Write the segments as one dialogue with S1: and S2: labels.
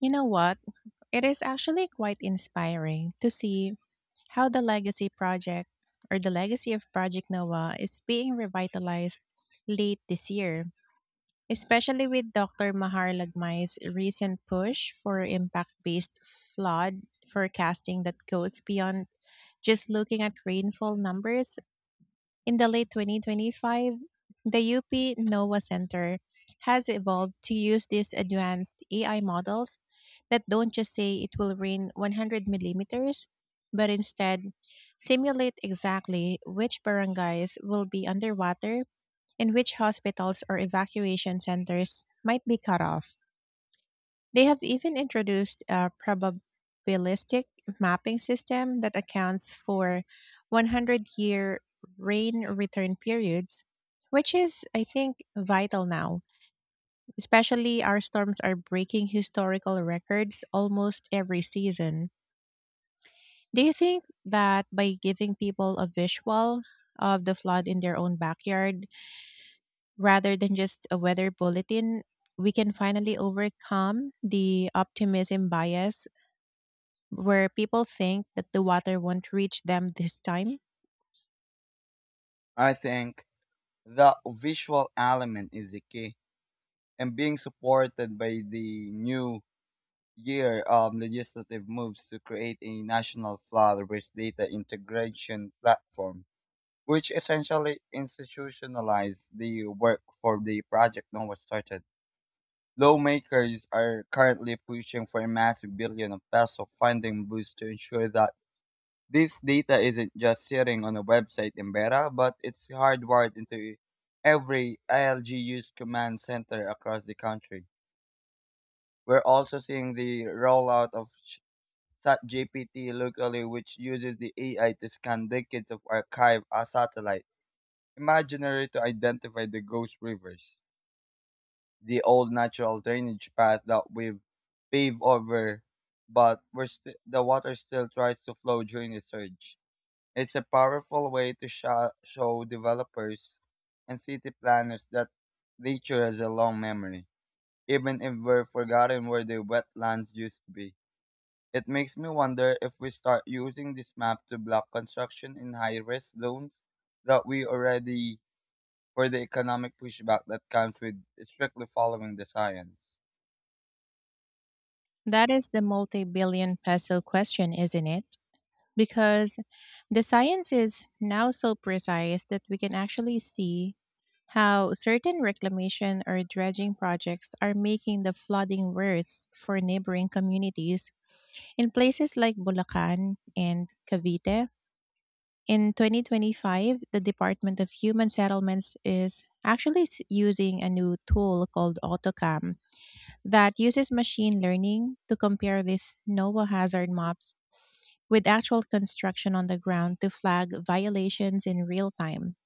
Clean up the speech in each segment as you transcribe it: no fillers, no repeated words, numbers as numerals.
S1: You know what? It is actually quite inspiring to see how the legacy project or the legacy of Project Noah is being revitalized late this year, especially with Dr. Mahar Lagmay's recent push for impact-based flood forecasting that goes beyond just looking at rainfall numbers in the late 2025, the UP NOAA Center has evolved to use these advanced AI models that don't just say it will rain 100 millimeters, but instead simulate exactly which barangays will be underwater and which hospitals or evacuation centers might be cut off. They have even introduced a probabilistic mapping system that accounts for 100-year rain return periods, which is, I think, vital now, especially our storms are breaking historical records almost every season. Do you think that by giving people a visual of the flood in their own backyard rather than just a weather bulletin, we can finally overcome the optimism bias where people think that the water won't reach them this time?
S2: I think the visual element is the key, and being supported by the new year legislative moves to create a national flood-based data integration platform, which essentially institutionalized the work for the project no started. Lawmakers are currently pushing for a massive billion of peso funding boost to ensure that this data isn't just sitting on a website in Beta, but it's hardwired into every ILG use command center across the country. We're also seeing the rollout of SatGPT locally, which uses the AI to scan decades of archive a satellite imaginary to identify the ghost rivers, the old natural drainage path that we've paved over, but the water still tries to flow during the surge. It's a powerful way to show developers and city planners that nature has a long memory, even if we're forgotten where the wetlands used to be. It makes me wonder if we start using this map to block construction in high risk zones that we already for the economic pushback that comes with strictly following the science.
S1: That is the multi billion peso question, isn't it? Because the science is now so precise that we can actually see how certain reclamation or dredging projects are making the flooding worse for neighboring communities in places like Bulacan and Cavite. In 2025, the Department of Human Settlements is actually using a new tool called AutoCAM that uses machine learning to compare these NOAA hazard maps with actual construction on the ground to flag violations in real time.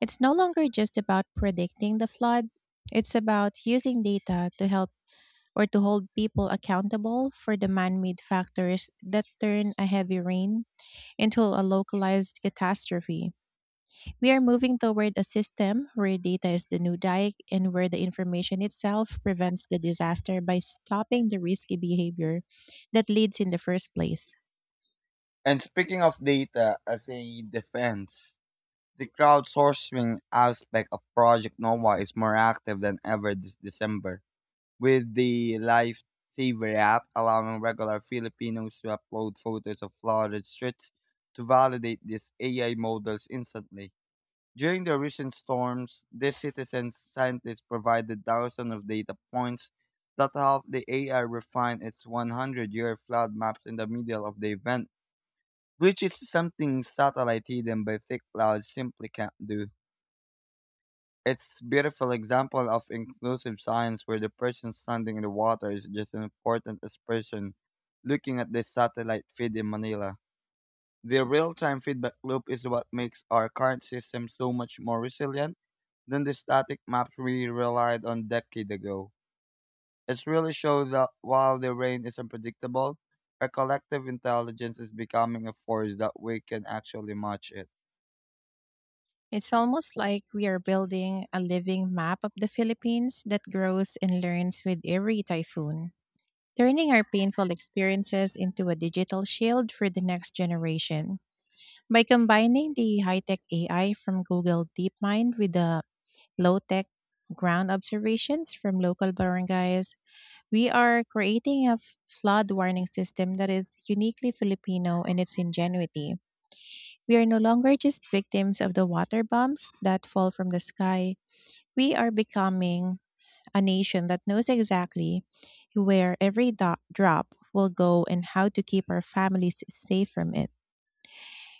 S1: It's no longer just about predicting the flood, it's about using data to help or to hold people accountable for the man made factors that turn a heavy rain into a localized catastrophe. We are moving toward a system where data is the new dike and where the information itself prevents the disaster by stopping the risky behavior that leads in the first place.
S2: And speaking of data as a defense, the crowdsourcing aspect of Project Nova is more active than ever this December, with the Lifesaver app allowing regular Filipinos to upload photos of flooded streets to validate these AI models instantly. During the recent storms, these citizen scientists provided thousands of data points that helped the AI refine its 100-year flood maps in the middle of the event, which is something satellite hidden by thick clouds simply can't do. It's beautiful example of inclusive science where the person standing in the water is just as important as person looking at the satellite feed in Manila. The real-time feedback loop is what makes our current system so much more resilient than the static maps we relied on decades ago. It really shows that while the rain is unpredictable, our collective intelligence is becoming a force that we can actually match it.
S1: It's almost like we are building a living map of the Philippines that grows and learns with every typhoon, turning our painful experiences into a digital shield for the next generation. By combining the high tech AI from Google DeepMind with the low tech ground observations from local barangays, we are creating a flood warning system that is uniquely Filipino in its ingenuity. We are no longer just victims of the water bombs that fall from the sky. We are becoming a nation that knows exactly where every drop will go and how to keep our families safe from it.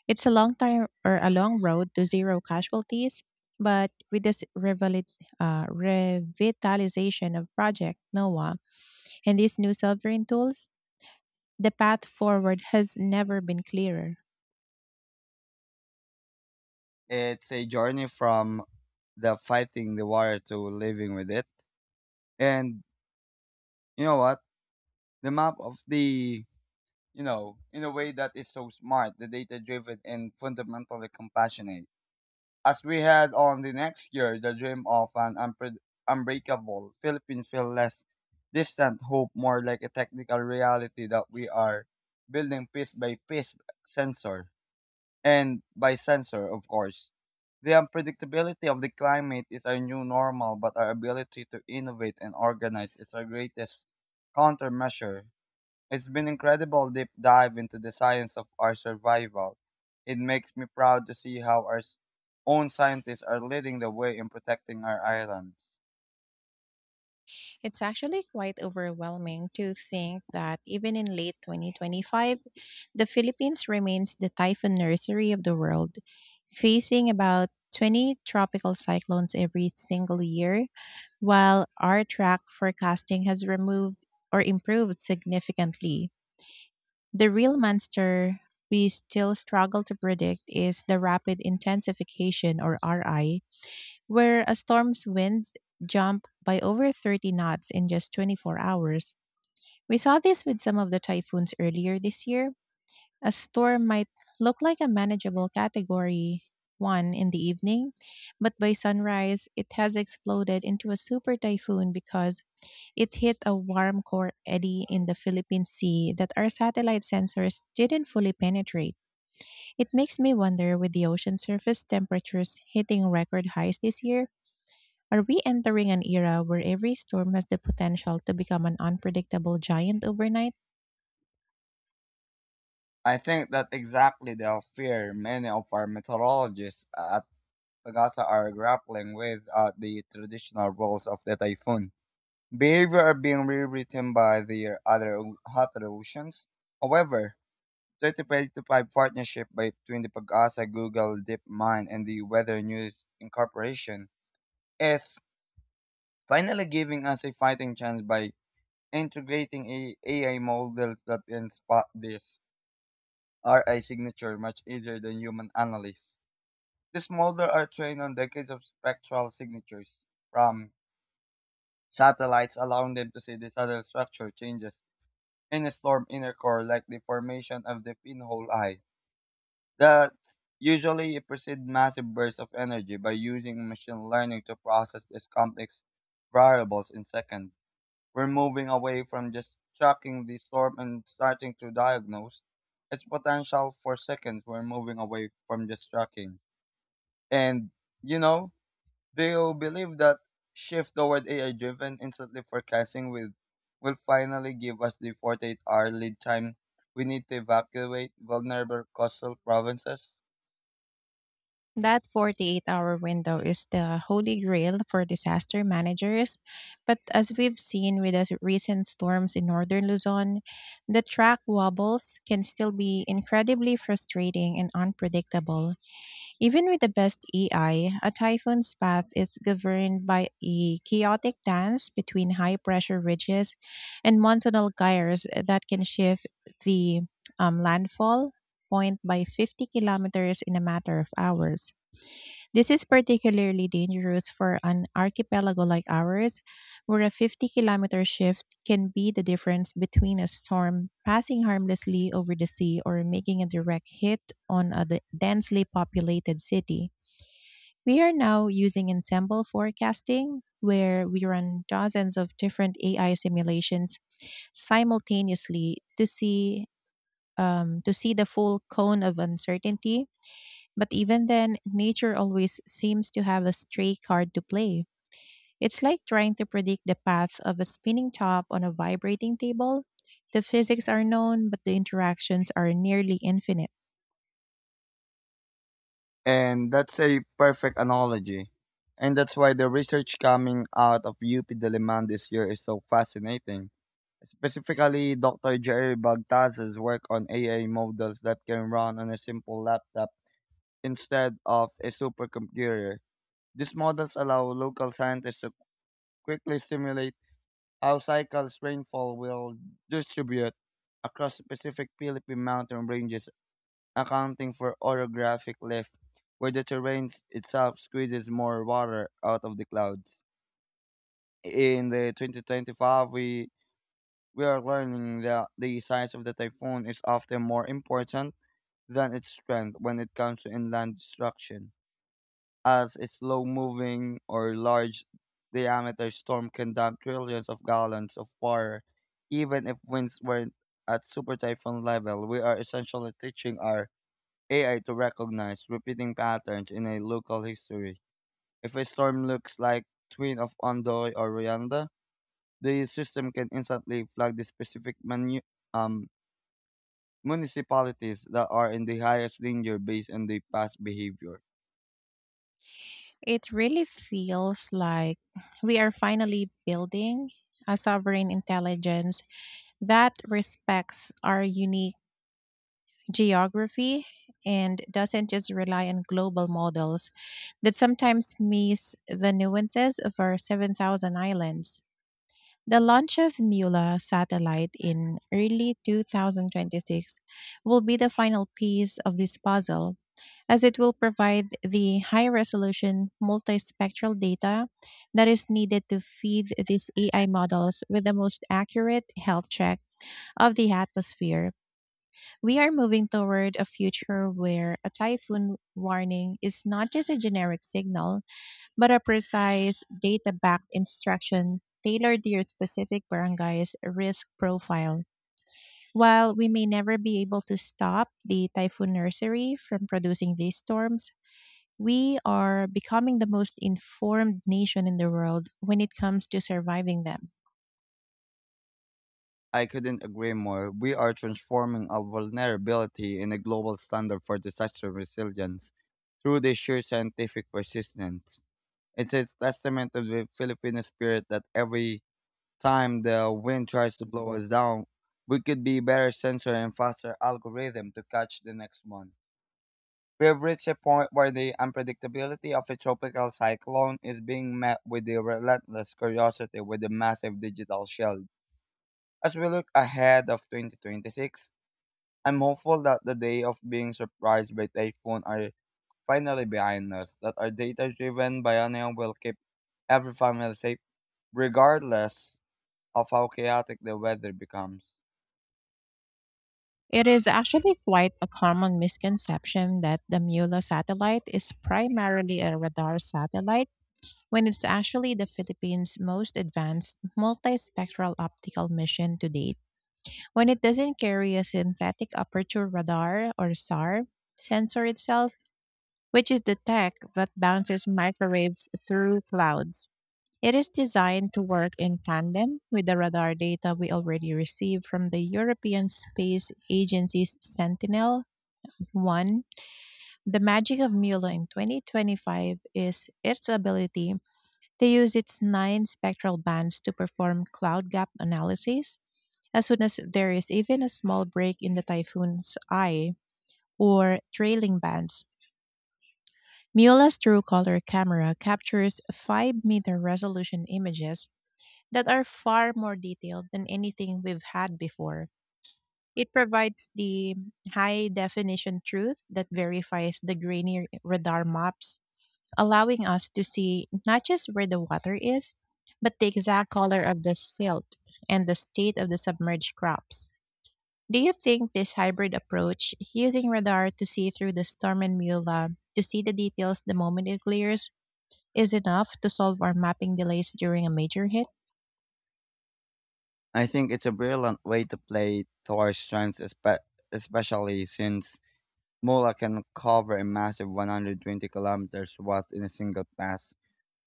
S1: It's a long time or a long road to zero casualties, but with this revitalization of Project NOAA and these new sovereign tools, the path forward has never been clearer.
S2: It's a journey from the fighting the water to living with it. And you know what? The map of the, you know, in a way that is so smart, the data driven and fundamentally compassionate. As we head on the next year, the dream of an unbreakable Philippine feel less distant hope, more like a technical reality that we are building piece by piece sensor. And by sensor, of course. The unpredictability of the climate is our new normal, but our ability to innovate and organize is our greatest countermeasure. It's been incredible deep dive into the science of our survival. It makes me proud to see how our own scientists are leading the way in protecting our islands.
S1: It's actually quite overwhelming to think that even in late 2025, the Philippines remains the typhoon nursery of the world, facing about 20 tropical cyclones every single year, while our track forecasting has removed or improved significantly. The real monster we still struggle to predict is the rapid intensification or RI, where a storm's winds jump by over 30 knots in just 24 hours. We saw this with some of the typhoons earlier this year. A storm might look like a manageable category 1 in the evening, but by sunrise, it has exploded into a super typhoon because it hit a warm core eddy in the Philippine Sea that our satellite sensors didn't fully penetrate. It makes me wonder, with the ocean surface temperatures hitting record highs this year, are we entering an era where every storm has the potential to become an unpredictable giant overnight?
S2: I think that exactly the fear many of our meteorologists at Pagasa are grappling with are the traditional roles of the typhoon. Behavior are being rewritten by their other oceans. However, 35 partnership between the Pag-asa, Google, DeepMind, and the Weather News Incorporation is finally giving us a fighting chance by integrating a AI models that can spot this RI signature much easier than human analysts. These models are trained on decades of spectral signatures from satellites, allowing them to see the subtle structure changes in a storm inner core, like the formation of the pinhole eye, that usually precede massive bursts of energy by using machine learning to process these complex variables in seconds. We're moving away from just tracking the storm and starting to diagnose its potential for seconds. We're moving away from just tracking. And, you know, do you believe that shift toward AI-driven instantly forecasting will finally give us the 48-hour lead time we need to evacuate vulnerable coastal provinces?
S1: That 48-hour window is the holy grail for disaster managers. But as we've seen with the recent storms in northern Luzon, the track wobbles can still be incredibly frustrating and unpredictable. Even with the best AI, a typhoon's path is governed by a chaotic dance between high pressure ridges and monsoonal gyres that can shift the landfall point by 50 kilometers in a matter of hours. This is particularly dangerous for an archipelago like ours, where a 50-kilometer shift can be the difference between a storm passing harmlessly over the sea or making a direct hit on a densely populated city. We are now using ensemble forecasting, where we run dozens of different AI simulations simultaneously to see the full cone of uncertainty. But even then, nature always seems to have a stray card to play. It's like trying to predict the path of a spinning top on a vibrating table. The physics are known, but the interactions are nearly infinite.
S2: And that's a perfect analogy. And that's why the research coming out of UP Diliman this year is so fascinating. Specifically, Dr. Jerry Bagtaz's work on AI models that can run on a simple laptop instead of a supercomputer. These models allow local scientists quickly simulate how cycles rainfall will distribute across specific Philippine mountain ranges, accounting for orographic lift, where the terrain itself squeezes more water out of the clouds. In the 2025, we are learning that the size of the typhoon is often more important than its strength when it comes to inland destruction, as a slow-moving or large-diameter storm can dump trillions of gallons of water, even if winds weren't at super typhoon level. We are essentially teaching our AI to recognize repeating patterns in a local history. If a storm looks like twin of Ondoy or Rwanda, the system can instantly flag the specific um, municipalities that are in the highest danger based on the past behavior.
S1: It really feels like we are finally building a sovereign intelligence that respects our unique geography and doesn't just rely on global models that sometimes miss the nuances of our 7,000 islands. The launch of MULA satellite in early 2026 will be the final piece of this puzzle, as it will provide the high resolution multispectral data that is needed to feed these AI models with the most accurate health check of the atmosphere. We are moving toward a future where a typhoon warning is not just a generic signal, but a precise data backed instruction tailored to your specific barangay's risk profile. While we may never be able to stop the typhoon nursery from producing these storms, we are becoming the most informed nation in the world when it comes to surviving them.
S2: I couldn't agree more. We are transforming a vulnerability in a global standard for disaster resilience through the sheer scientific persistence. It's a testament of the Filipino spirit that every time the wind tries to blow us down, we could be better sensor and faster algorithm to catch the next one. We have reached a point where the unpredictability of a tropical cyclone is being met with the relentless curiosity with a massive digital shield as we look ahead of 2026. I'm hopeful that the day of being surprised by typhoon are finally behind us, that our data-driven biennial will keep every family safe, regardless of how chaotic the weather becomes.
S1: It is actually quite a common misconception that the MULA satellite is primarily a radar satellite when it's actually the Philippines' most advanced multispectral optical mission to date. When it doesn't carry a synthetic aperture radar or SAR sensor itself, which is the tech that bounces microwaves through clouds. It is designed to work in tandem with the radar data we already receive from the European Space Agency's Sentinel one, the magic of Mueller in 2025 is its ability to use its nine spectral bands to perform cloud gap analysis as soon as there is even a small break in the typhoon's eye or trailing bands. Mueller's true color camera captures 5-meter resolution images that are far more detailed than anything we've had before. It provides the high definition truth that verifies the grainy radar maps, allowing us to see not just where the water is, but the exact color of the silt and the state of the submerged crops. Do you think this hybrid approach, using radar to see through the storm and Miula to see the details the moment it clears, is enough to solve our mapping delays during a major hit?
S2: I think it's a brilliant way to play to our strengths, especially since Mula can cover a massive 120 kilometers worth in a single pass,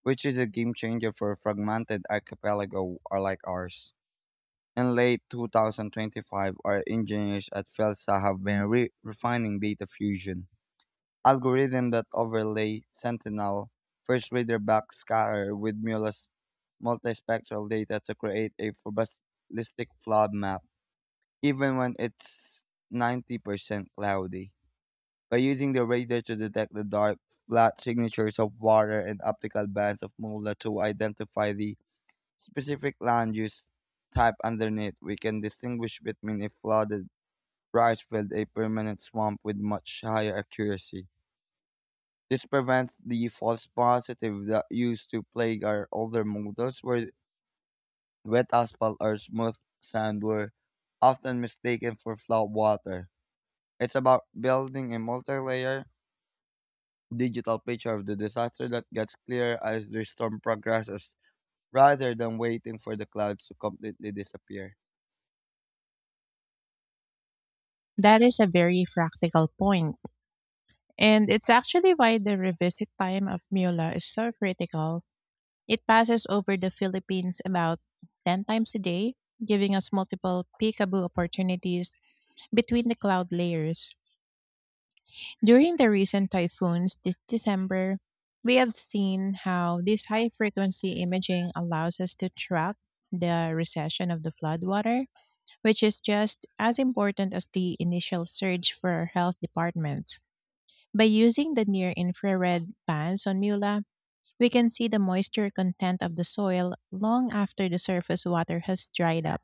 S2: which is a game changer for fragmented archipelago or like ours. In late 2025, our engineers at FELSA have been refining data fusion algorithms that overlay Sentinel first reader backscatter with Mula's multispectral data to create a probabilistic flood map, even when it's 90% cloudy. By using the radar to detect the dark, flat signatures of water and optical bands of MULA to identify the specific land use type underneath, we can distinguish between a flooded rice field, a permanent swamp with much higher accuracy. This prevents the false positive that used to plague our older models, where wet asphalt or smooth sand were often mistaken for flood water. It's about building a multi layer digital picture of the disaster that gets clearer as the storm progresses rather than waiting for the clouds to completely disappear.
S1: That is a very practical point, and it's actually why the revisit time of Miula is so critical. It passes over the Philippines about 10 times a day, giving us multiple peekaboo opportunities between the cloud layers. During the recent typhoons this December, we have seen how this high frequency imaging allows us to track the recession of the floodwater, which is just as important as the initial surge for health departments. By using the near infrared bands on Mula, we can see the moisture content of the soil long after the surface water has dried up,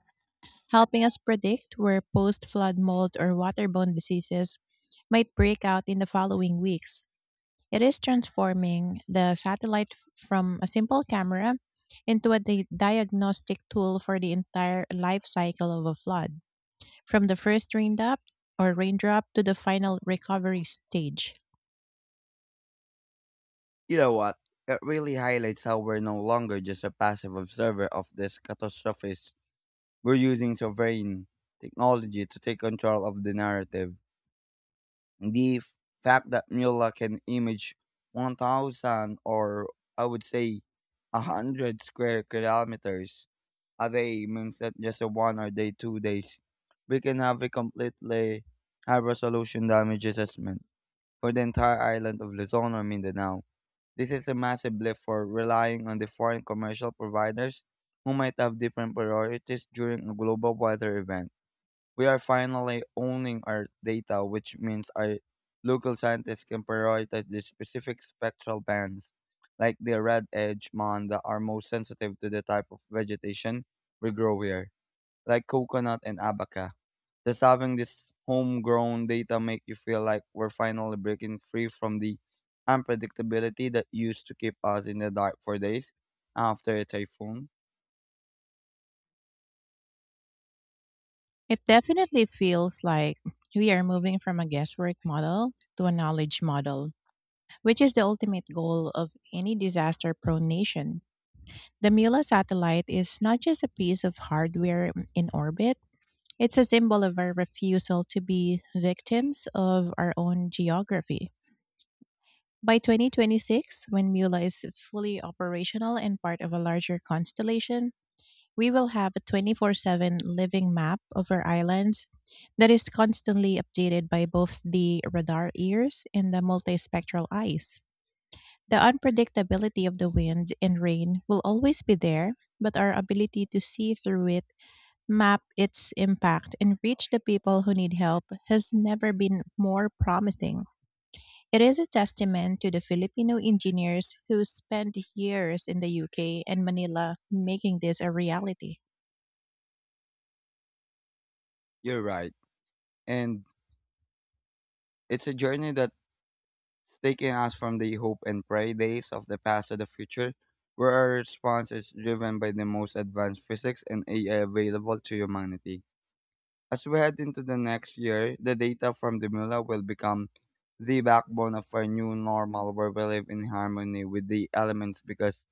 S1: helping us predict where post flood mold or waterborne diseases might break out in the following weeks. It is transforming the satellite from a simple camera into a diagnostic tool for the entire life cycle of a flood, from the first raindrop or raindrop to the final recovery stage.
S2: You know what? It really highlights how we're no longer just a passive observer of these catastrophes. We're using sovereign technology to take control of the narrative. The fact that Mula can image 1,000 or I would say 100 square kilometers a day means that just a one or day, 2 days, we can have a completely high resolution damage assessment for the entire island of Luzon or Mindanao. This is a massive blip for relying on the foreign commercial providers who might have different priorities during a global weather event. We are finally owning our data, which means our local scientists can prioritize the specific spectral bands, like the red edge mon that are most sensitive to the type of vegetation we grow here, like coconut and abaca. Does having this homegrown data make you feel like we're finally breaking free from the unpredictability that used to keep us in the dark for days after a typhoon?
S1: It definitely feels like we are moving from a guesswork model to a knowledge model, which is the ultimate goal of any disaster prone nation. The Mula satellite is not just a piece of hardware in orbit, it's a symbol of our refusal to be victims of our own geography. By 2026, when Mula is fully operational and part of a larger constellation, we will have a 24/7 living map of our islands that is constantly updated by both the radar ears and the multispectral eyes. The unpredictability of the wind and rain will always be there, but our ability to see through it, map its impact, and reach the people who need help has never been more promising. It is a testament to the Filipino engineers who spent years in the UK and Manila making this a reality.
S2: You're right. And it's a journey that's taking us from the hope and pray days of the past to the future, where our response is driven by the most advanced physics and AI available to humanity. As we head into the next year, the data from the MULA will become the backbone of our new normal where we live in harmony with the elements because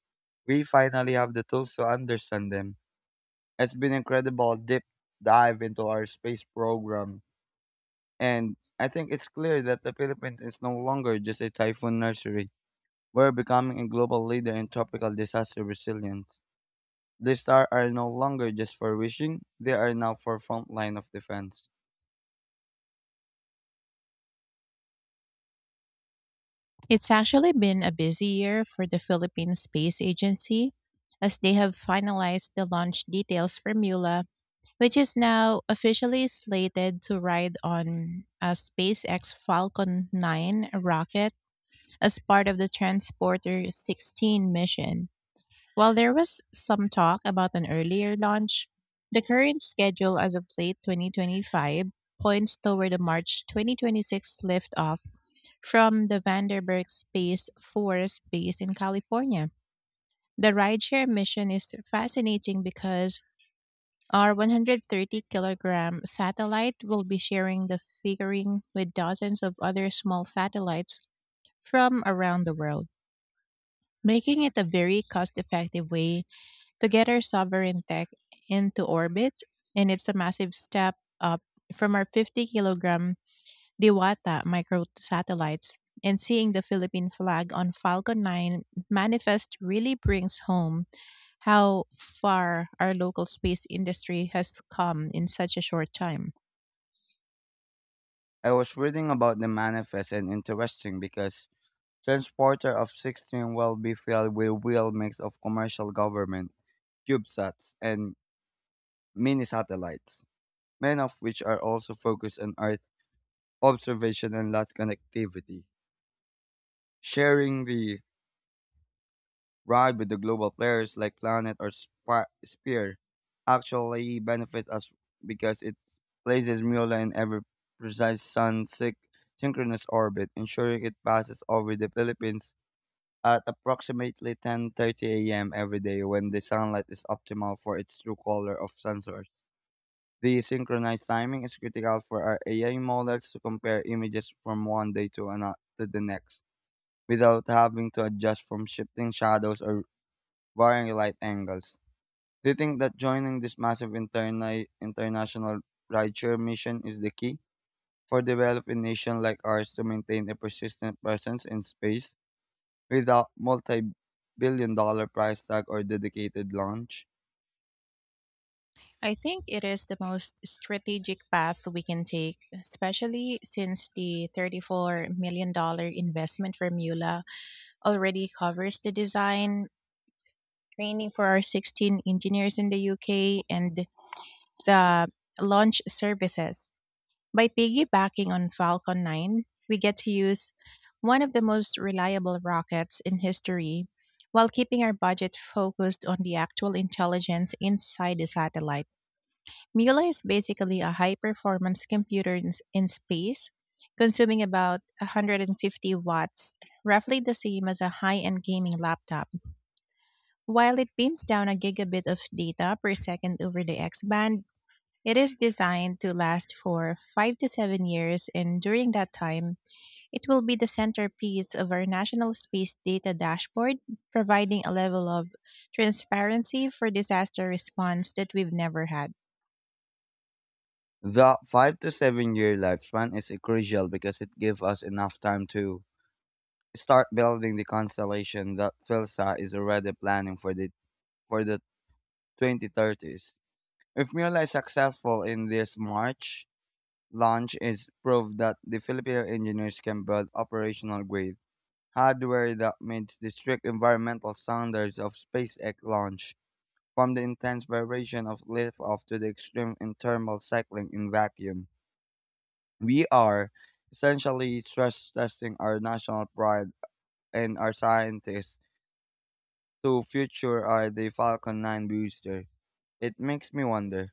S2: we finally have the tools to understand them. It's been incredible deep dive into our space program, and I think it's clear that the Philippines is no longer just a typhoon nursery. We're becoming a global leader in tropical disaster resilience. The stars are no longer just for wishing, they are now for front line of defense.
S1: It's actually been a busy year for the Philippine Space Agency, as they have finalized the launch details for MULA, which is now officially slated to ride on a SpaceX Falcon 9 rocket as part of the Transporter 16 mission. While there was some talk about an earlier launch, the current schedule as of late 2025 points toward a March 2026 liftoff from the Vandenberg Space Force base in California. The rideshare mission is fascinating because our 130 kilogram satellite will be sharing the figuring with dozens of other small satellites from around the world, making it a very cost effective way to get our sovereign tech into orbit. And it's a massive step up from our 50 kilogram Diwata microsatellites, and seeing the Philippine flag on Falcon 9 manifest really brings home how far our local space industry has come in such a short time.
S2: I was reading about the manifest and interesting because transporter of 16 will be filled with real mix of commercial government, CubeSats, and mini satellites, many of which are also focused on Earth observation and Earth connectivity, sharing the ride with the global players like Planet or Spear actually benefit us because it places Mula in every precise synchronous orbit, ensuring it passes over the Philippines at approximately 10:30 a.m. every day when the sunlight is optimal for its true color of sensors. The synchronized timing is critical for our AI models to compare images from 1 day to another to the next without having to adjust from shifting shadows or varying light angles. Do you think that joining this massive international rideshare mission is the key for developing nations like ours to maintain a persistent presence in space, without multi-billion-dollar price tag or dedicated launch?
S1: I think it is the most strategic path we can take, especially since the $34 million dollars investment from Mula already covers the design, training for our 16 engineers in the UK, and the launch services. By piggybacking on Falcon 9, we get to use one of the most reliable rockets in history while keeping our budget focused on the actual intelligence inside the satellite. Mula is basically a high performance computer in space, consuming about 150 watts, roughly the same as a high end gaming laptop. While it beams down a gigabit of data per second over the X band, it is designed to last for 5 to 7 years, and during that time, it will be the centerpiece of our National Space Data Dashboard, providing a level of transparency for disaster response that we've never had.
S2: The 5 to 7 year lifespan is crucial because it gives us enough time to start building the constellation that PhilSat is already planning for the 2030s. If Mula is successful in this March launch, is proof that the Filipino engineers can build operational grade hardware that meets the strict environmental standards of SpaceX launch from the intense vibration of liftoff to the extreme thermal cycling in vacuum. We are essentially stress testing our national pride and our scientists to future are the Falcon 9 booster. It makes me wonder,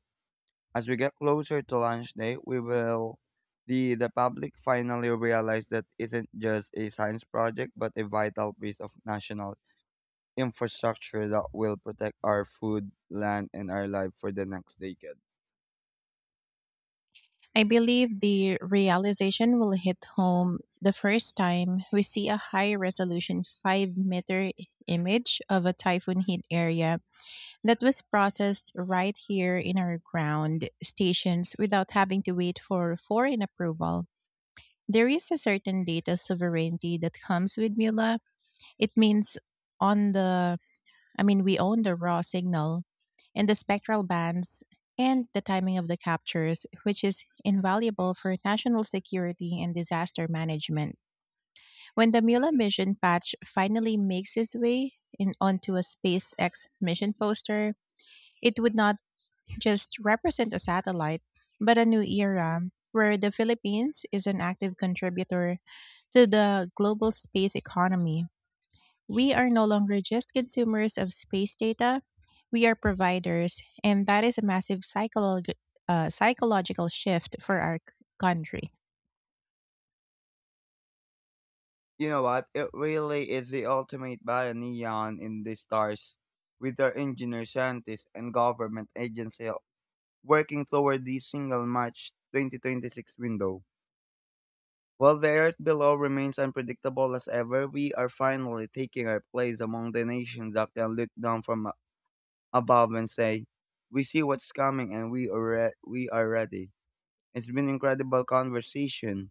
S2: as we get closer to launch day, we will the public finally realize that isn't just a science project but a vital piece of national infrastructure that will protect our food, land and our life for the next decade.
S1: I believe the realization will hit home the first time we see a high resolution 5-meter image of a typhoon hit area that was processed right here in our ground stations without having to wait for foreign approval. There is a certain data sovereignty that comes with Mula. It means on the I mean we own the raw signal and the spectral bands and the timing of the captures, which is invaluable for national security and disaster management. When the Mula mission patch finally makes its way in onto a SpaceX mission poster, it would not just represent a satellite, but a new era where the Philippines is an active contributor to the global space economy. We are no longer just consumers of space data, we are providers, and that is a massive psychological shift for our country.
S2: You know what? It really is the ultimate neon in the stars, with our engineers, scientists, and government agency working toward the single March 2026 window. While the Earth below remains unpredictable as ever, we are finally taking our place among the nations that can look down from above and say, "We see what's coming, and we are ready." It's been incredible conversation,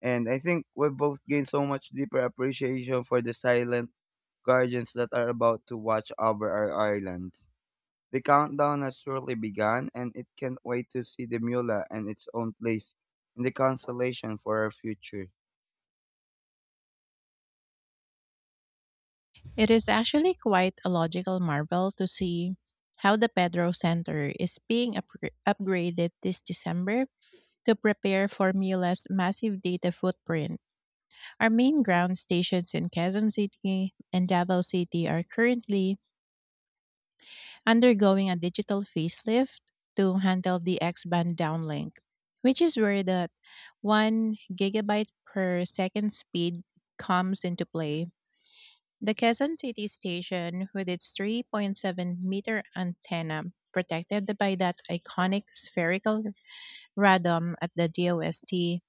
S2: and I think we both gained so much deeper appreciation for the silent guardians that are about to watch over our islands. The countdown has surely begun, and it can't wait to see the Mula and its own place in the constellation for our future.
S1: It is actually quite a logical marvel to see how the Pedro Center is being upgraded this December to prepare for Mila's massive data footprint. Our main ground stations in Quezon City and Davao City are currently undergoing a digital facelift to handle the X band downlink, which is where that 1 gigabyte per second speed comes into play. The Quezon City station, with its 3.7-meter antenna protected by that iconic spherical radome at the DOST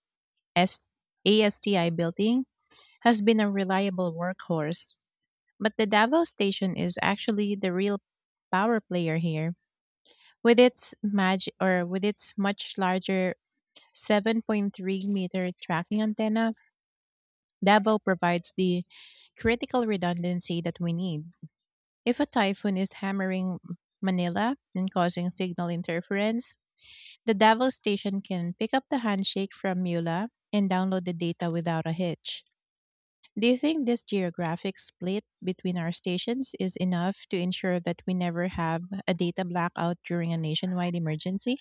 S1: S- ASTI building, has been a reliable workhorse. But the Davao station is actually the real power player here. With its much larger 7.3-meter tracking antenna, Davao provides the critical redundancy that we need. If a typhoon is hammering Manila and causing signal interference, the Davao station can pick up the handshake from Mula and download the data without a hitch. Do you think this geographic split between our stations is enough to ensure that we never have a data blackout during a nationwide emergency?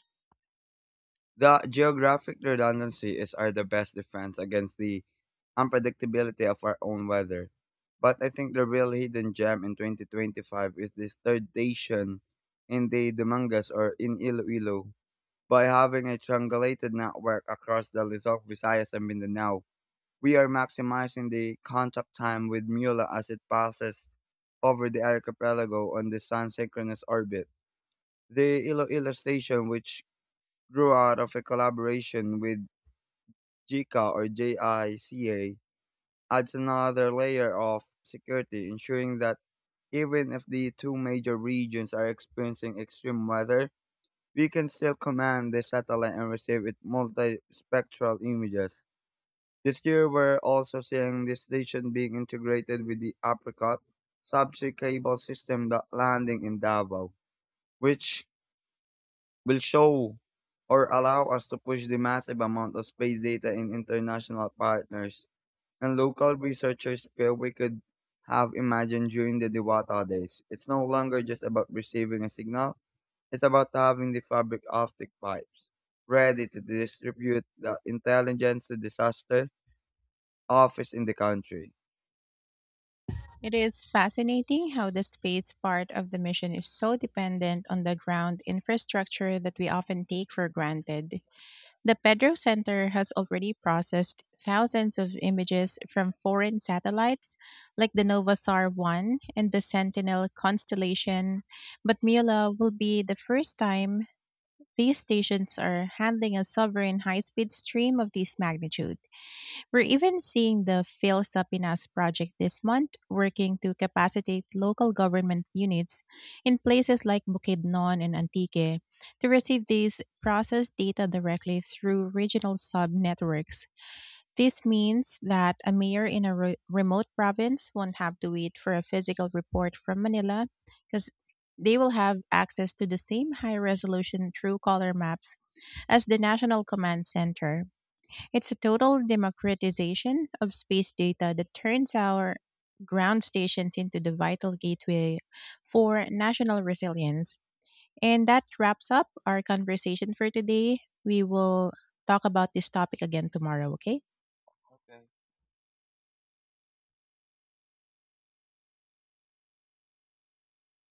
S2: The geographic redundancy is our the best defense against the unpredictability of our own weather. But I think the real hidden gem in 2025 is the station in the Dumangas or in Iloilo. By having a triangulated network across the Luzon, Visayas, and Mindanao, we are maximizing the contact time with Mula as it passes over the archipelago on the sun's synchronous orbit. The Iloilo station, which grew out of a collaboration with JICA, adds another layer of security, ensuring that even if the two major regions are experiencing extreme weather, we can still command the satellite and receive its multispectral images. This year, we're also seeing this station being integrated with the Apricot subsea cable system that landing in Davao, which will show or allow us to push the massive amount of space data in international partners and local researchers where we could have imagined during the Diwata days. It's no longer just about receiving a signal, it's about having the fabric optic pipes ready to distribute the intelligence to disaster office in the country.
S1: It is fascinating how the space part of the mission is so dependent on the ground infrastructure that we often take for granted. The Pedro Center has already processed thousands of images from foreign satellites like the Novasar 1 and the Sentinel constellation, but Mila will be the first time. These stations are handling a sovereign high speed stream of this magnitude. We're even seeing the Fail Sapinas project this month, working to capacitate local government units in places like Bukidnon and Antique to receive these processed data directly through regional sub networks. This means that a mayor in a remote province won't have to wait for a physical report from Manila because they will have access to the same high resolution true color maps as the National Command Center. It's a total democratization of space data that turns our ground stations into the vital gateway for national resilience. And that wraps up our conversation for today. We will talk about this topic again tomorrow, okay?
S2: And